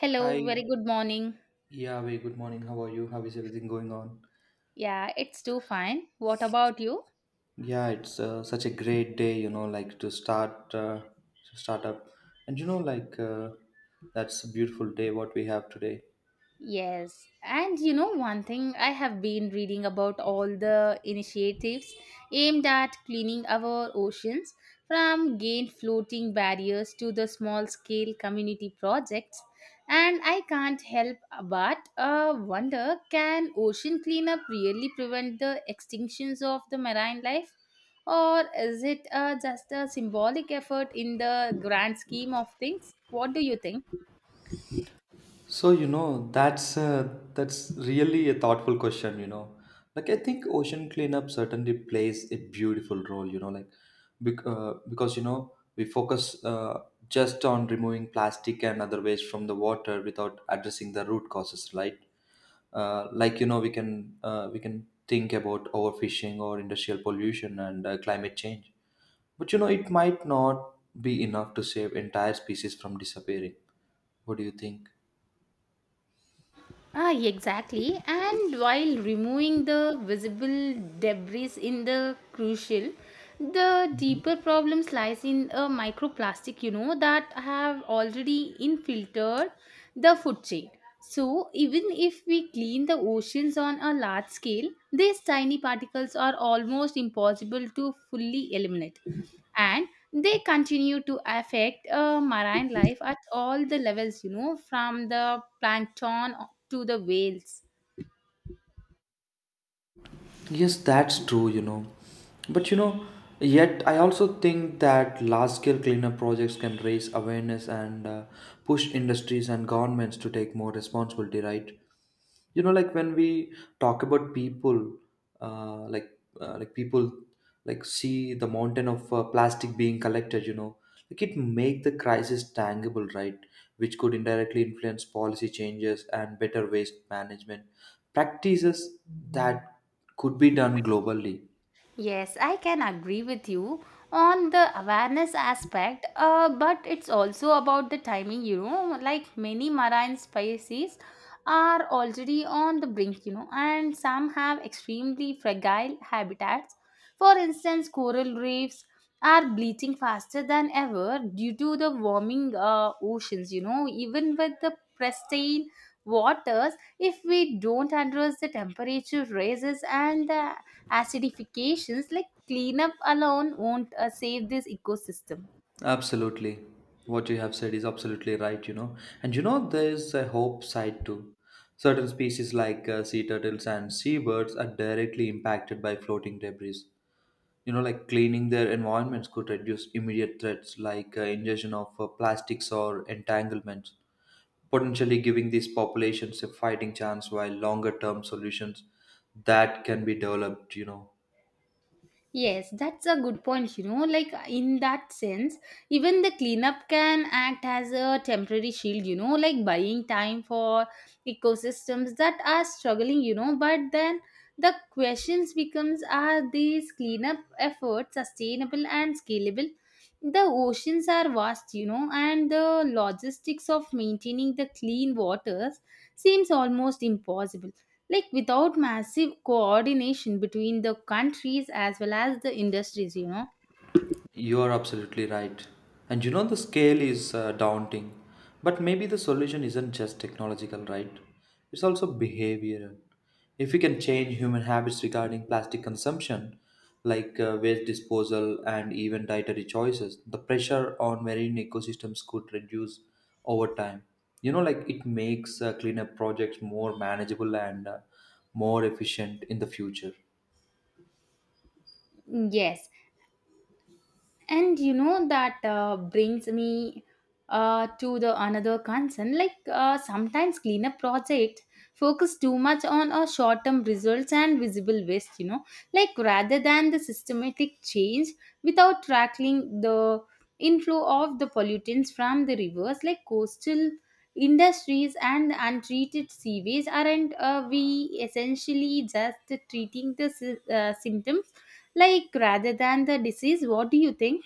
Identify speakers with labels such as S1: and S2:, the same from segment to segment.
S1: Hello, very
S2: Hi.
S1: good morning.
S2: Yeah, very good morning. How are you? How is everything going on?
S1: Yeah, it's too fine. What about you?
S2: Yeah, it's such a great day, you know, like to start up. And that's a beautiful day what we have today.
S1: Yes, and you know one thing I have been reading about all the initiatives aimed at cleaning our oceans from gain floating barriers to the small scale community projects, and I can't help but wonder, can ocean cleanup really prevent the extinctions of the marine life, or is it just a symbolic effort in the grand scheme of things? What do you think?
S2: So, you know, that's really a thoughtful question, you know. Like I think ocean cleanup certainly plays a beautiful role, you know, like because you know, we focus just on removing plastic and other waste from the water without addressing the root causes, right? Like you know, we can think about overfishing or industrial pollution and climate change. But you know, it might not be enough to save entire species from disappearing. What do you think?
S1: Ah, exactly. And while removing the visible debris in the crucial, the deeper problems lies in a microplastic, you know, that have already infiltrated the food chain. So even if we clean the oceans on a large scale, these tiny particles are almost impossible to fully eliminate, and they continue to affect marine life at all the levels, you know, from the plankton to the whales.
S2: Yes, that's true, you know. But you know, yet I also think that large scale cleanup projects can raise awareness and push industries and governments to take more responsibility, right? You know, like when we talk about people uh, like people like see the mountain of plastic being collected, you know, like it make the crisis tangible, right, which could indirectly influence policy changes and better waste management practices that could be done globally.
S1: Yes, I can agree with you on the awareness aspect, but it's also about the timing, you know, like many marine species are already on the brink, you know, and some have extremely fragile habitats. For instance, coral reefs are bleaching faster than ever due to the warming oceans. You know, even with the pristine waters, if we don't address the temperature rises and the acidifications, like cleanup alone won't save this ecosystem.
S2: Absolutely. What you have said is absolutely right, you know. And you know, there's a hope side too. Certain species like sea turtles and seabirds are directly impacted by floating debris. You know, like cleaning their environments could reduce immediate threats like ingestion of plastics or entanglements, potentially giving these populations a fighting chance while longer term solutions that can be developed, you know.
S1: Yes, that's a good point. You know, like in that sense, even the cleanup can act as a temporary shield, you know, like buying time for ecosystems that are struggling, you know. But then the questions becomes, are these cleanup efforts sustainable and scalable? The oceans are vast, you know, and the logistics of maintaining the clean waters seems almost impossible, like without massive coordination between the countries as well as the industries, you know.
S2: You are absolutely right. And you know, the scale is daunting. But maybe the solution isn't just technological, right? It's also behavioral. If we can change human habits regarding plastic consumption, like waste disposal and even dietary choices, the pressure on marine ecosystems could reduce over time. You know, like it makes cleanup projects more manageable and more efficient in the future.
S1: Yes, and you know that brings me to the another concern, like sometimes cleanup project focus too much on a short-term results and visible waste, you know, like rather than the systematic change, without tackling the inflow of the pollutants from the rivers, like coastal industries and untreated sewage. Aren't we essentially just treating the symptoms, like rather than the disease? What do you think?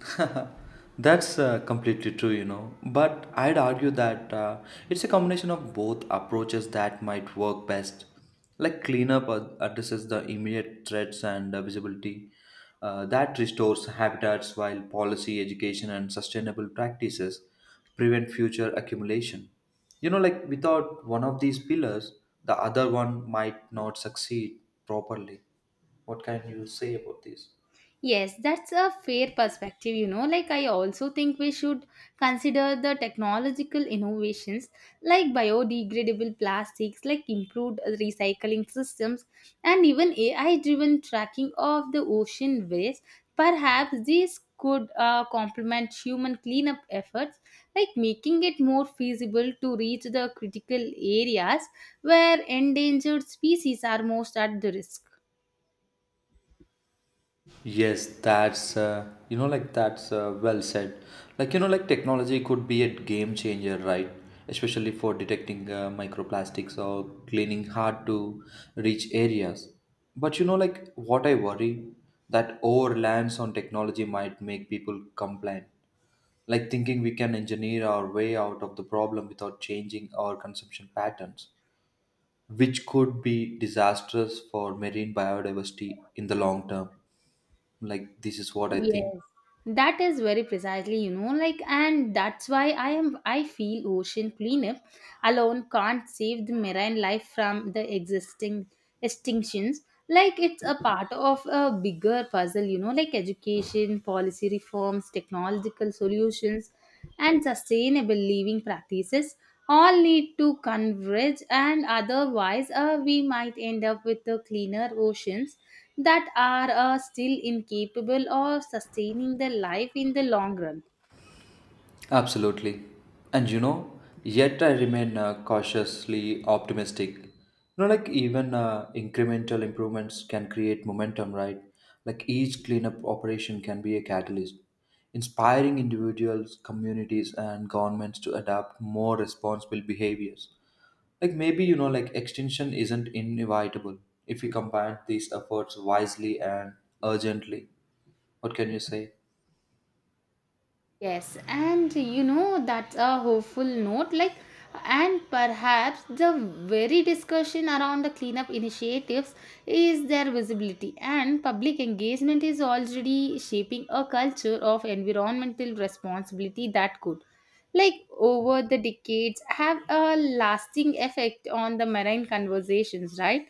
S2: That's completely true, you know. But I'd argue that it's a combination of both approaches that might work best. Like cleanup addresses the immediate threats and visibility that restores habitats, while policy, education, and sustainable practices prevent future accumulation. You know, like without one of these pillars, the other one might not succeed properly. What can you say about this?
S1: Yes, that's a fair perspective, you know. Like, I also think we should consider the technological innovations like biodegradable plastics, like improved recycling systems, and even AI driven tracking of the ocean waste. Perhaps these could complement human cleanup efforts, like making it more feasible to reach the critical areas where endangered species are most at the risk.
S2: Yes, that's you know like that's well said. Like you know, like technology could be a game changer, right? Especially for detecting microplastics or cleaning hard to reach areas. But you know, like what I worry that over reliance on technology might make people complain. Like thinking we can engineer our way out of the problem without changing our consumption patterns, which could be disastrous for marine biodiversity in the long term. Like this is what I
S1: Yes,
S2: think.
S1: that is very precisely, you know, like, and that's why I feel ocean cleanup alone can't save the marine life from the existing extinctions. Like, it's a part of a bigger puzzle, you know, like education, policy reforms, technological solutions, and sustainable living practices all need to converge, and otherwise we might end up with the cleaner oceans that are still incapable of sustaining the life in the long run.
S2: Absolutely. And you know, yet I remain cautiously optimistic. You know, like even incremental improvements can create momentum, right? Like each cleanup operation can be a catalyst, inspiring individuals, communities, and governments to adopt more responsible behaviors. Like maybe, you know, like extinction isn't inevitable if we combine these efforts wisely and urgently. What can you say?
S1: Yes, and you know that's a hopeful note. Like, and perhaps the very discussion around the cleanup initiatives is their visibility, and public engagement is already shaping a culture of environmental responsibility that could, like, over the decades, have a lasting effect on the marine conversations, right?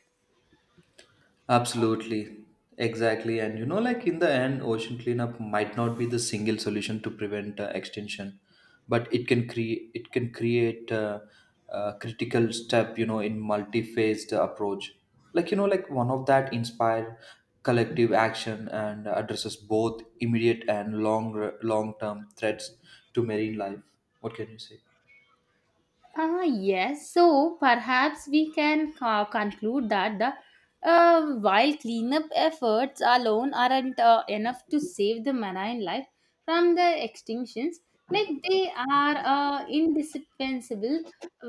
S2: Absolutely. Exactly. And you know, like in the end, ocean cleanup might not be the single solution to prevent extinction, but it can create a critical step. You know, in multi-phased approach. Like you know, like one of that inspire collective action and addresses both immediate and long long term threats to marine life. What can you say?
S1: Ah, yes. So perhaps we can conclude that the while cleanup efforts alone aren't enough to save the marine life from the extinctions, like they are indispensable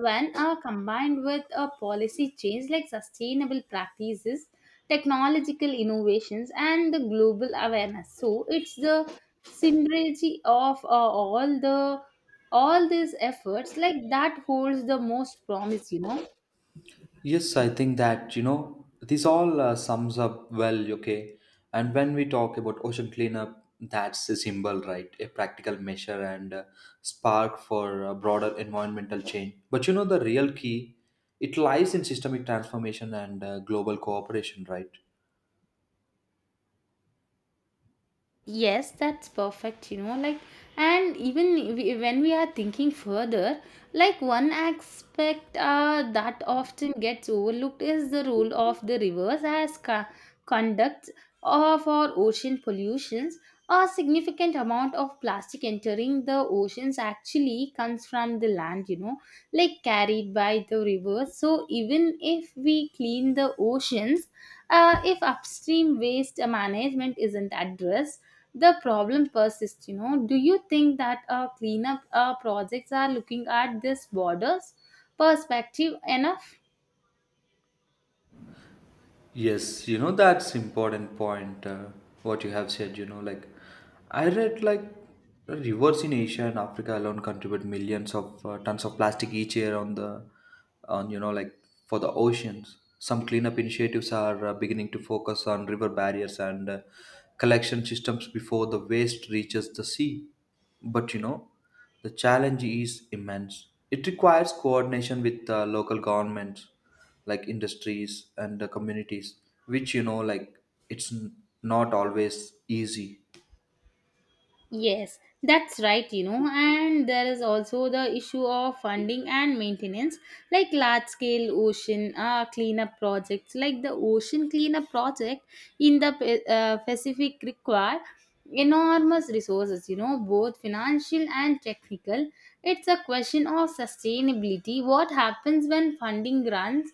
S1: when combined with a policy change, like sustainable practices, technological innovations, and the global awareness. So it's the synergy of all these efforts, like, that holds the most promise, you know.
S2: Yes, I think that, you know, this all sums up well, okay? And when we talk about ocean cleanup, that's a symbol, right? A practical measure and spark for broader environmental change. But you know, the real key, it lies in systemic transformation and global cooperation, right?
S1: Yes, that's perfect, you know, like, and even we, when we are thinking further, like one aspect that often gets overlooked is the role of the rivers as conducts of our ocean pollutions. A significant amount of plastic entering the oceans actually comes from the land, you know, like carried by the rivers. So even if we clean the oceans, if upstream waste management isn't addressed, the problem persists. You know, do you think that cleanup projects are looking at this borders perspective enough?
S2: Yes, you know, that's important point. What you have said, you know, like I read like rivers in Asia and Africa alone contribute millions of tons of plastic each year on the on you know like for the oceans. Some cleanup initiatives are beginning to focus on river barriers and collection systems before the waste reaches the sea. But you know, the challenge is immense. It requires coordination with local governments like industries and the communities, which you know like it's n- not always easy.
S1: Yes, that's right, you know, and there is also the issue of funding and maintenance, like large scale ocean cleanup projects, like the ocean cleanup project in the Pacific, require enormous resources, you know, both financial and technical. It's a question of sustainability. What happens when funding runs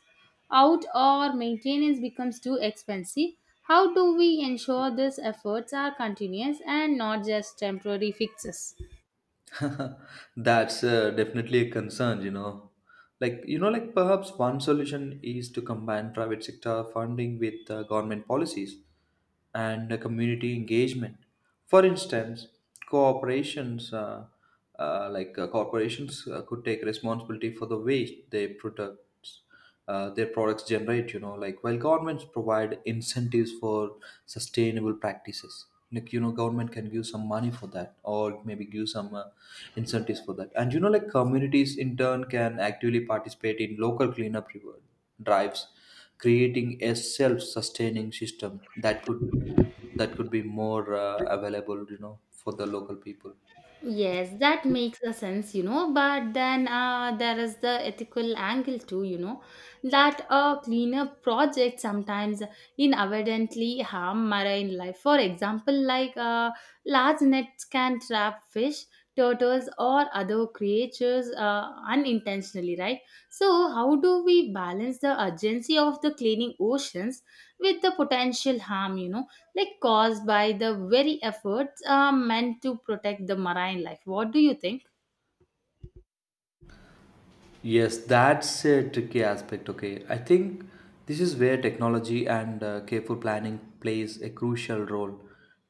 S1: out, or maintenance becomes too expensive? How do we ensure these efforts are continuous and not just temporary fixes?
S2: That's definitely a concern, you know. Like, you know, like perhaps one solution is to combine private sector funding with government policies and community engagement. For instance, corporations uh, corporations could take responsibility for the waste they produce their products generate, you know, like while governments provide incentives for sustainable practices. Like you know, government can give some money for that or maybe give some incentives for that. And you know, like communities in turn can actively participate in local cleanup drives, creating a self-sustaining system that could be more available, you know, for the local people.
S1: Yes, that makes a sense, you know. But then there is the ethical angle too, you know, that a cleanup project sometimes inadvertently harm marine life. For example, like large nets can trap fish, turtles, or other creatures unintentionally, right? So, how do we balance the urgency of the cleaning oceans with the potential harm, you know, like caused by the very efforts meant to protect the marine life? What do you think?
S2: Yes, that's a tricky aspect. Okay, I think this is where technology and careful planning plays a crucial role.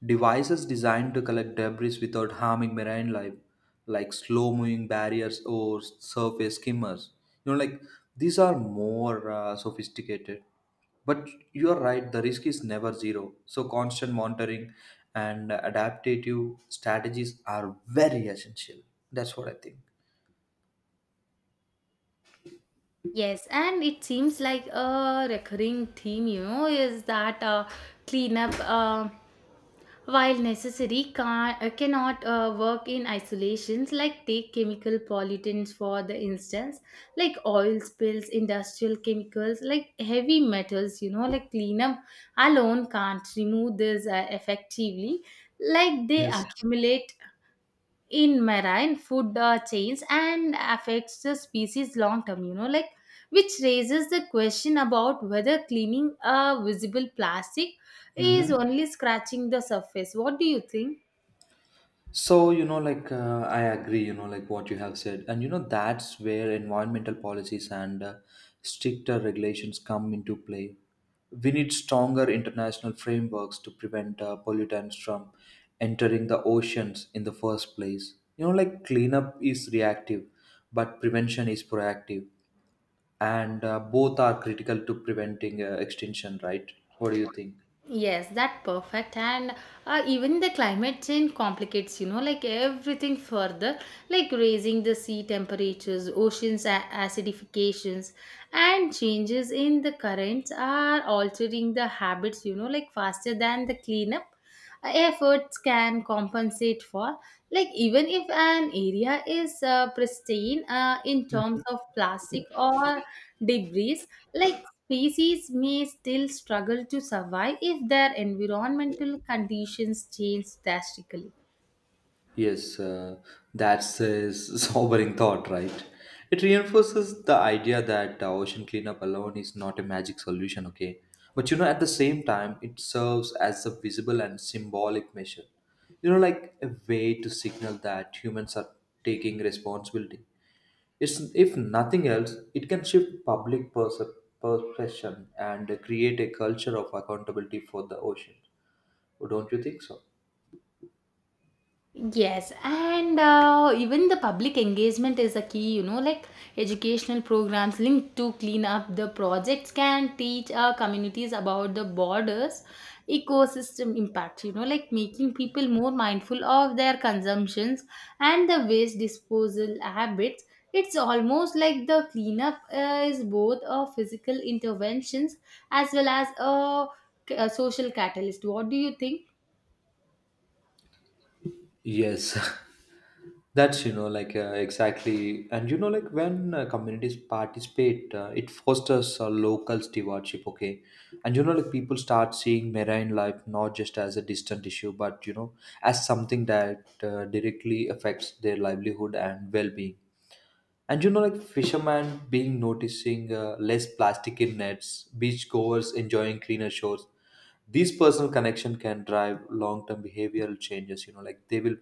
S2: Devices designed to collect debris without harming marine life, like slow-moving barriers or surface skimmers, you know, like these are more sophisticated. But you are right, the risk is never zero. So constant monitoring and adaptive strategies are very essential. That's what I think.
S1: Yes, and it seems like a recurring theme, you know, is that cleanup, while necessary, can, cannot work in isolations. Like take chemical pollutants for the instance, like oil spills, industrial chemicals, like heavy metals. You know, like cleanup alone can't remove this effectively. Like they
S2: Yes.
S1: accumulate in marine food chains and affects the species long term, you know, like, which raises the question about whether cleaning a visible plastic is
S2: Mm-hmm.
S1: only scratching the surface. What do you think?
S2: So, you know, like I agree, you know, like what you have said. And, you know, that's where environmental policies and stricter regulations come into play. We need stronger international frameworks to prevent pollutants from entering the oceans in the first place. You know, like cleanup is reactive, but prevention is proactive. And both are critical to preventing extinction, right? What do you think?
S1: Yes, that perfect. And even the climate change complicates, you know, like everything further, like raising the sea temperatures, oceans acidifications, and changes in the currents are altering the habits, you know, like faster than the cleanup efforts can compensate for, like even if an area is pristine in terms of plastic or debris, like species may still struggle to survive if their environmental conditions change drastically.
S2: Yes, that's a sobering thought, right? It reinforces the idea that ocean cleanup alone is not a magic solution, okay? But you know, at the same time, it serves as a visible and symbolic measure. You know, like a way to signal that humans are taking responsibility. It's, if nothing else, it can shift public perception and create a culture of accountability for the ocean. Don't you think so?
S1: Yes, and even the public engagement is a key, you know, like educational programs linked to clean up the projects can teach our communities about the borders, ecosystem impact, you know, like making people more mindful of their consumptions and the waste disposal habits. It's almost like the cleanup is both a physical interventions as well as a social catalyst. What do you think?
S2: Yes, that's, you know, like exactly. And, you know, like when communities participate, it fosters local stewardship, okay? And, you know, like people start seeing marine life not just as a distant issue, but, you know, as something that directly affects their livelihood and well being. And you know, like fishermen being noticing less plastic in nets, beachgoers enjoying cleaner shores. These personal connection can drive long-term behavioral changes. You know, like they will,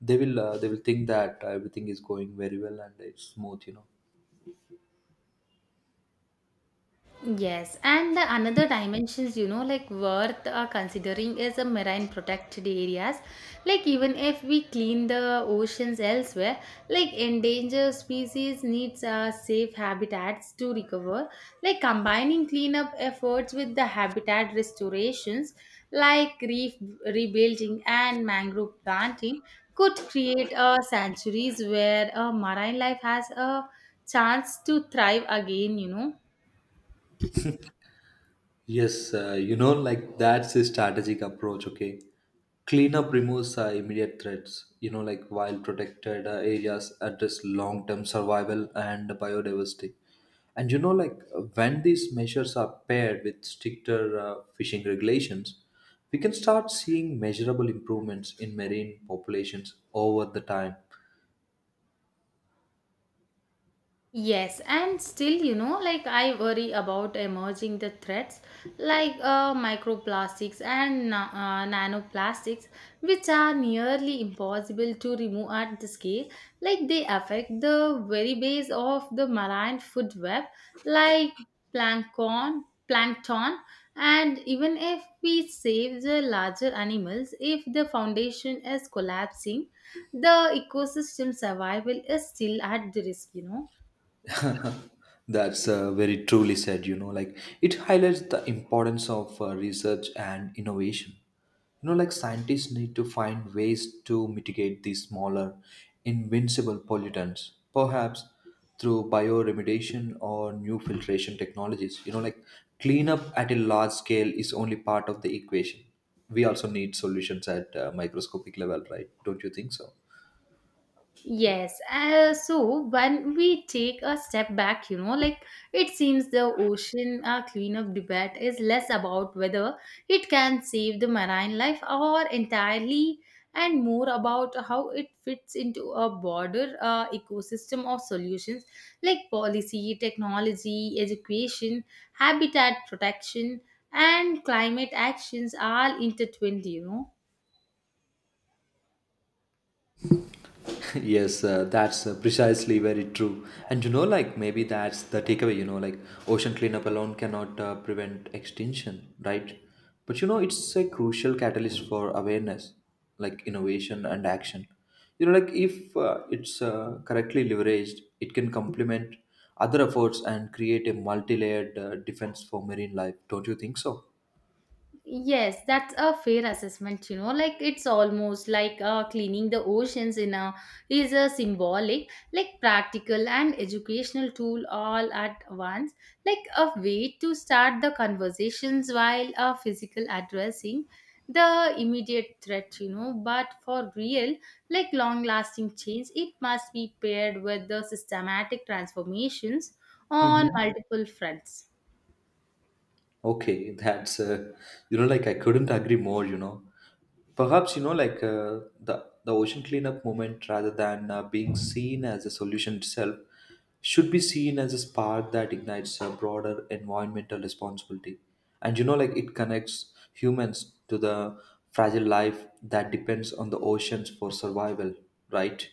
S2: they will, uh, they will think that everything is going very well and it's smooth. You know.
S1: Yes, and the another dimensions, you know, like worth considering is a marine protected areas. Like even if we clean the oceans elsewhere, like endangered species needs safe habitats to recover. Like combining cleanup efforts with the habitat restorations, like reef rebuilding and mangrove planting, could create sanctuaries where marine life has a chance to thrive again, you know.
S2: Yes, you know, like that's a strategic approach. Okay, cleanup removes immediate threats. You know, like while protected areas address long-term survival and biodiversity. And you know, like when these measures are paired with stricter fishing regulations, we can start seeing measurable improvements in marine populations over the time.
S1: Yes, and still, you know, like I worry about emerging the threats like microplastics and nanoplastics, which are nearly impossible to remove at the scale. Like they affect the very base of the marine food web, like plankton, plankton, and even if we save the larger animals, if the foundation is collapsing, the ecosystem survival is still at the risk, you know.
S2: That's very truly said, you know, like it highlights the importance of research and innovation. You know, like scientists need to find ways to mitigate these smaller, invincible pollutants, perhaps through bioremediation or new filtration technologies. You know, like cleanup at a large scale is only part of the equation. We also need solutions at microscopic level, right? Don't you think so?
S1: Yes, so when we take a step back, you know, like it seems the ocean cleanup debate is less about whether it can save the marine life or entirely, and more about how it fits into a broader ecosystem of solutions, like policy, technology, education, habitat protection, and climate actions are intertwined, you know.
S2: Yes, that's precisely very true. And you know, like maybe that's the takeaway, you know, like ocean cleanup alone cannot prevent extinction, right? But you know, it's a crucial catalyst for awareness, like innovation and action. You know, like if it's correctly leveraged, it can complement other efforts and create a multi layered defense for marine life. Don't you think so?
S1: Yes, that's a fair assessment, you know. Like it's almost like cleaning the oceans in a is a symbolic, like practical and educational tool all at once, like a way to start the conversations while physical addressing the immediate threat, you know. But for real, like long lasting change, it must be paired with the systematic transformations on
S2: Mhm.
S1: multiple fronts.
S2: Okay, that's you know like I couldn't agree more. You know, perhaps you know like the ocean cleanup movement, rather than being seen as a solution itself, should be seen as a spark that ignites a broader environmental responsibility. And you know, like it connects humans to the fragile life that depends on the oceans for survival, right?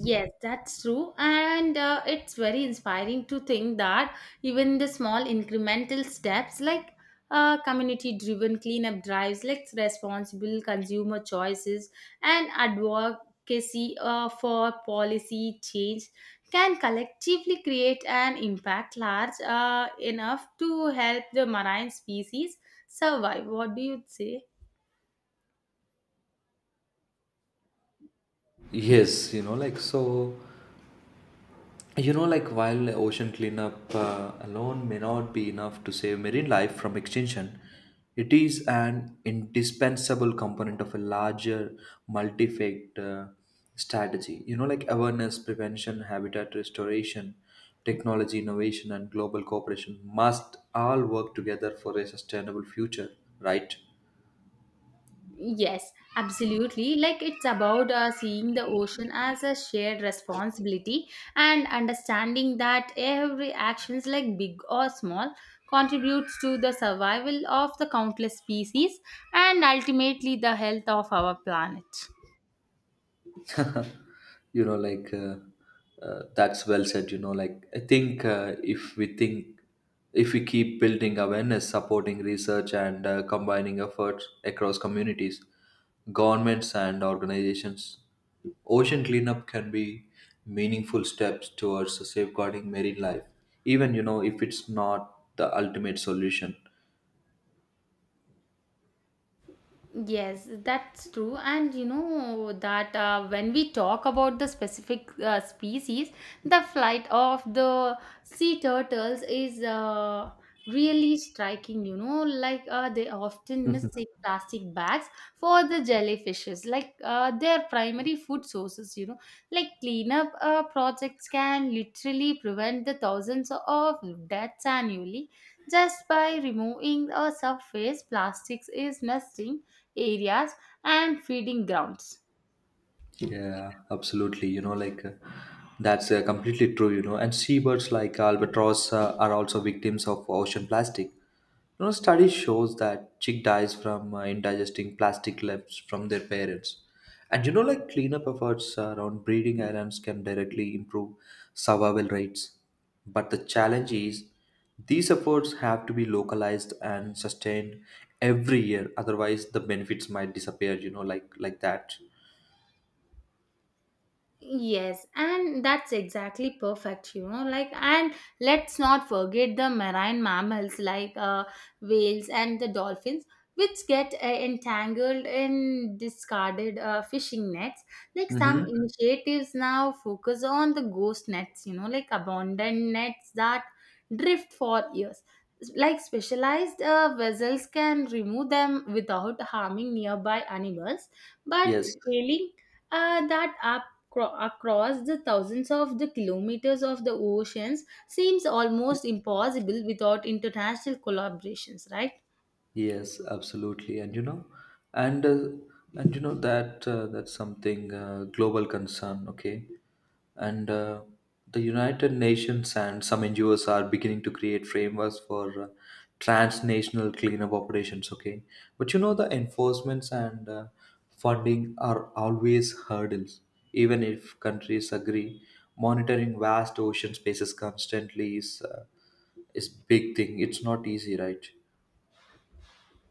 S1: Yes, that's true. And it's very inspiring to think that even the small incremental steps, like community driven cleanup drives, like responsible consumer choices, and advocacy for policy change can collectively create an impact large enough to help the marine species survive. What do you say?
S2: Yes, you know, like so. You know, like while ocean cleanup alone may not be enough to save marine life from extinction, it is an indispensable component of a larger multi-factor strategy. You know, like awareness, prevention, habitat restoration, technology innovation, and global cooperation must all work together for a sustainable future, right?
S1: Yes, absolutely. Like it's about seeing the ocean as a shared responsibility and understanding that every actions, like big or small, contributes to the survival of the countless species and ultimately the health of our planet.
S2: you know like uh, that's well said. I think if we keep building awareness, supporting research, and combining efforts across communities, governments, and organizations, ocean cleanup can be meaningful steps towards safeguarding marine life, even if it's not the ultimate solution.
S1: Yes, that's true. And you know that when we talk about the specific species, the flight of the sea turtles is really striking. You know, like they often mistake plastic bags for the jellyfishes, like their primary food sources. You know, like cleanup projects can literally prevent the thousands of deaths annually just by removing a surface plastics is nesting areas and feeding grounds.
S2: Yeah, absolutely. That's completely true. You know, and seabirds like albatross are also victims of ocean plastic. You know, study shows that chick dies from indigesting plastic left from their parents. And like cleanup efforts around breeding islands can directly improve survival rates. But the challenge is, these efforts have to be localized and sustained every year. Otherwise, the benefits might disappear. You know, like that.
S1: Yes, and that's exactly perfect, you know. Like, and let's not forget the marine mammals like whales and the dolphins, which get entangled in discarded fishing nets. Like, some
S2: Mhm.
S1: initiatives now focus on the ghost nets, you know, like abandoned nets that drift for years. Like, specialized vessels can remove them without harming nearby animals, but
S2: Yes,
S1: scaling that up across the thousands of the kilometers of the oceans seems almost impossible without international collaborations, right?
S2: yes, absolutely. And and uh, you know that's something, global concern, okay? And the United Nations and some NGOs are beginning to create frameworks for transnational cleanup operations, okay? But you know, the enforcements and funding are always hurdles. Even if countries agree, monitoring vast ocean spaces constantly is big thing. It's not easy, right?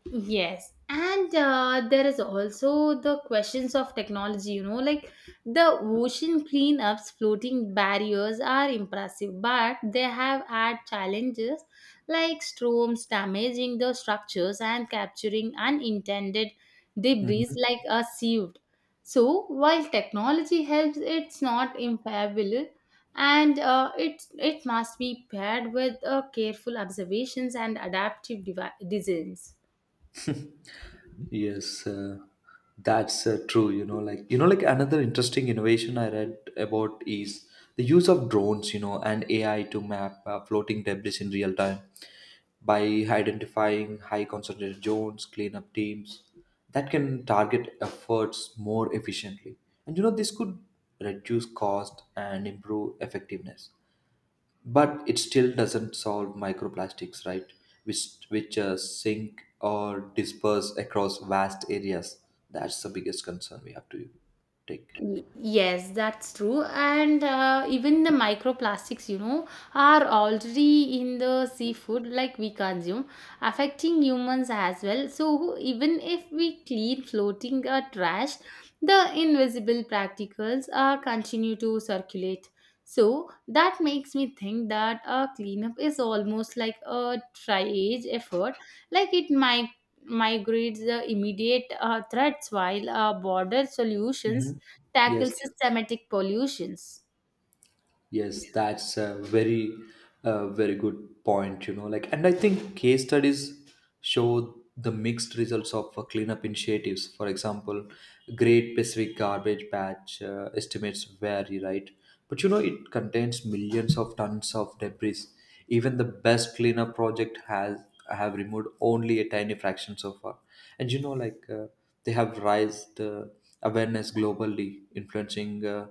S1: Yes, and there is also the questions of technology, you know, like the ocean cleanups, floating barriers are impressive, but they have had challenges like storms damaging the structures and capturing unintended debris
S2: Hmm.
S1: like a sieve. So, while technology helps, it's not infallible, and it must be paired with careful observations and adaptive designs.
S2: Yes, that's true. Another interesting innovation I read about is the use of drones, you know, and AI to map floating debris in real time. By identifying high concentrated zones, cleanup teams that can target efforts more efficiently. And you know, this could reduce cost and improve effectiveness. But it still doesn't solve microplastics, right? Which sink or disperse across vast areas. That's the biggest concern we have to take.
S1: Y- Yes, that's true. And even the microplastics, you know, are already in the seafood like we consume, affecting humans as well. So, even if we clean floating trash, the invisible particles continue to circulate. So, that makes me think that a cleanup is almost like a triage effort, like it might migrates the immediate threats while border solutions
S2: Mhm.
S1: tackle
S2: yes
S1: systematic pollutions.
S2: Yes, that's a very good point, you know. Like, and I think case studies show the mixed results of cleanup initiatives. For example, Great Pacific Garbage Patch estimates vary, right? But you know, it contains millions of tons of debris. Even the best cleanup project has have removed only a tiny fraction so far. And they have raised awareness globally, influencing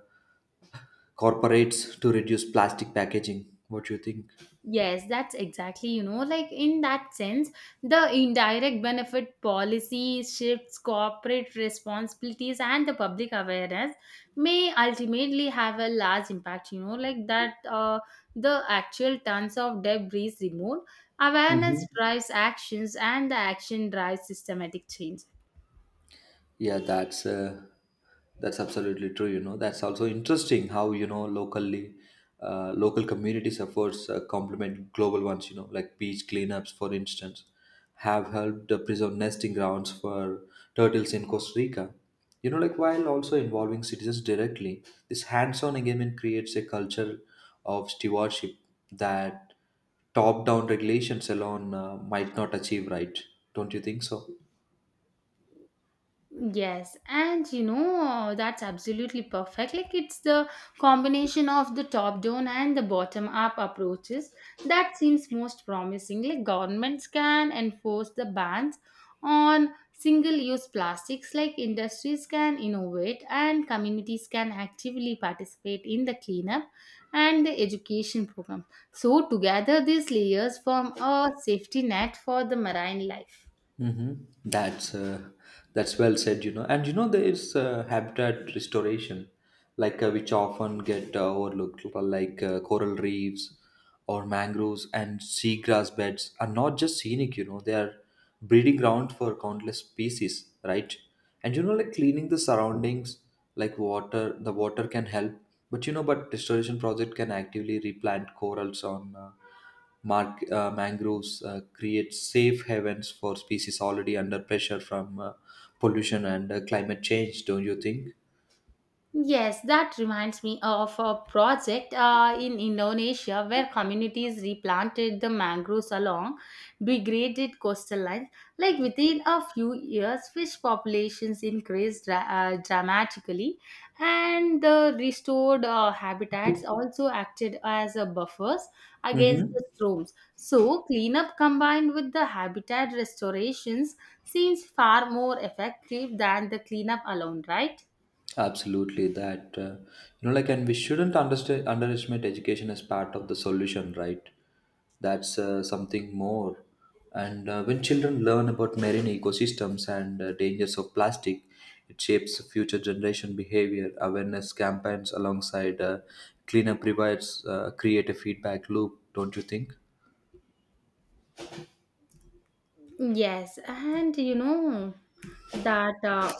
S2: corporates to reduce plastic packaging. What do you think?
S1: Yes, that's exactly, you know, like in that sense, the indirect benefit policy shifts, corporate responsibilities, and the public awareness may ultimately have a large impact, you know, like that the actual tons of debris removed. Awareness
S2: Mhm.
S1: drives actions, and the action drives systematic change.
S2: Yeah, that's absolutely true. You know, that's also interesting how, you know, locally, local communities' efforts complement global ones. You know, like beach cleanups, for instance, have helped preserve nesting grounds for turtles in Costa Rica. You know, like while also involving citizens directly, this hands-on engagement creates a culture of stewardship that top-down regulations alone might not achieve. Right? Don't you think so?
S1: Yes, and you know, that's absolutely perfect. Like, it's the combination of the top down and the bottom up approaches that seems most promising. Like, governments can enforce the bans on single use plastics, like, industries can innovate, and communities can actively participate in the cleanup and the education program. So, together, these layers form a safety net for the marine life.
S2: Hmm. That's uh, that's well said, you know. And you know, there is habitat restoration, which often get overlooked. Like coral reefs or mangroves and seagrass beds are not just scenic, you know. They are breeding ground for countless species, right? And you know, like cleaning the surroundings, like water, the water can help. But you know, but restoration project can actively replant corals on mangroves create safe havens for species already under pressure from pollution and climate change, don't you think?
S1: Yes, that reminds me of a project in Indonesia where communities replanted the mangroves along degraded coastal lines. Like within a few years, fish populations increased dramatically, and the restored habitats also acted as a buffers against
S2: Mm-hmm.
S1: the storms. So, cleanup combined with the habitat restorations seems far more effective than the cleanup alone, right?
S2: Absolutely. That you know, like, And we shouldn't underestimate education as part of the solution, right? That's something more. And when children learn about marine ecosystems and dangers of plastic, it shapes future generation behavior. Awareness campaigns alongside cleanup provides, create a feedback loop, don't you think?
S1: Yes, and you know that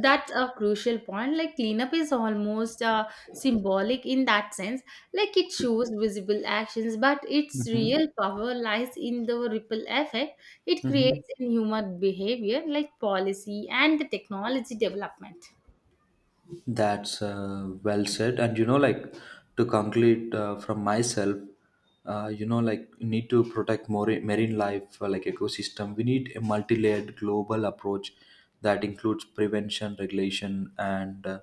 S1: that's a crucial point. Like cleanup is almost symbolic in that sense. Like it shows visible actions, but its
S2: Mm-hmm.
S1: real power lies in the ripple effect it creates in human behavior, like policy and the technology development.
S2: That's Well said. And you know, like to conclude from myself, we need to protect more marine life, like ecosystem. We need a multi-layered global approach that includes prevention, regulation, and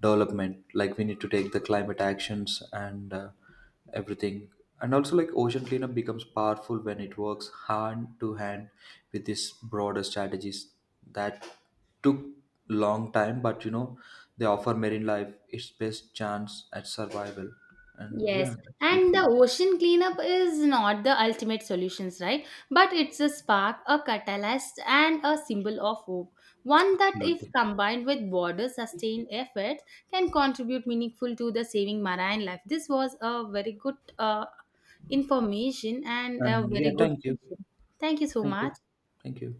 S2: development. Like we need to take the climate actions and everything. And also, like ocean cleanup becomes powerful when it works hand to hand with these broader strategies. That took long time, but you know, they offer marine life its best chance at survival. And
S1: Yes,
S2: yeah, that's
S1: and
S2: beautiful.
S1: the ocean cleanup is not the ultimate solutions, right? But it's a spark, a catalyst, and a symbol of hope. One that, if
S2: Absolutely.
S1: combined with border sustained effort, can contribute meaningful to the saving marine life. This was a very good information and
S2: And
S1: a very
S2: yeah,
S1: good
S2: thank you.
S1: session. Thank you so
S2: Thank you.
S1: much.
S2: Thank you.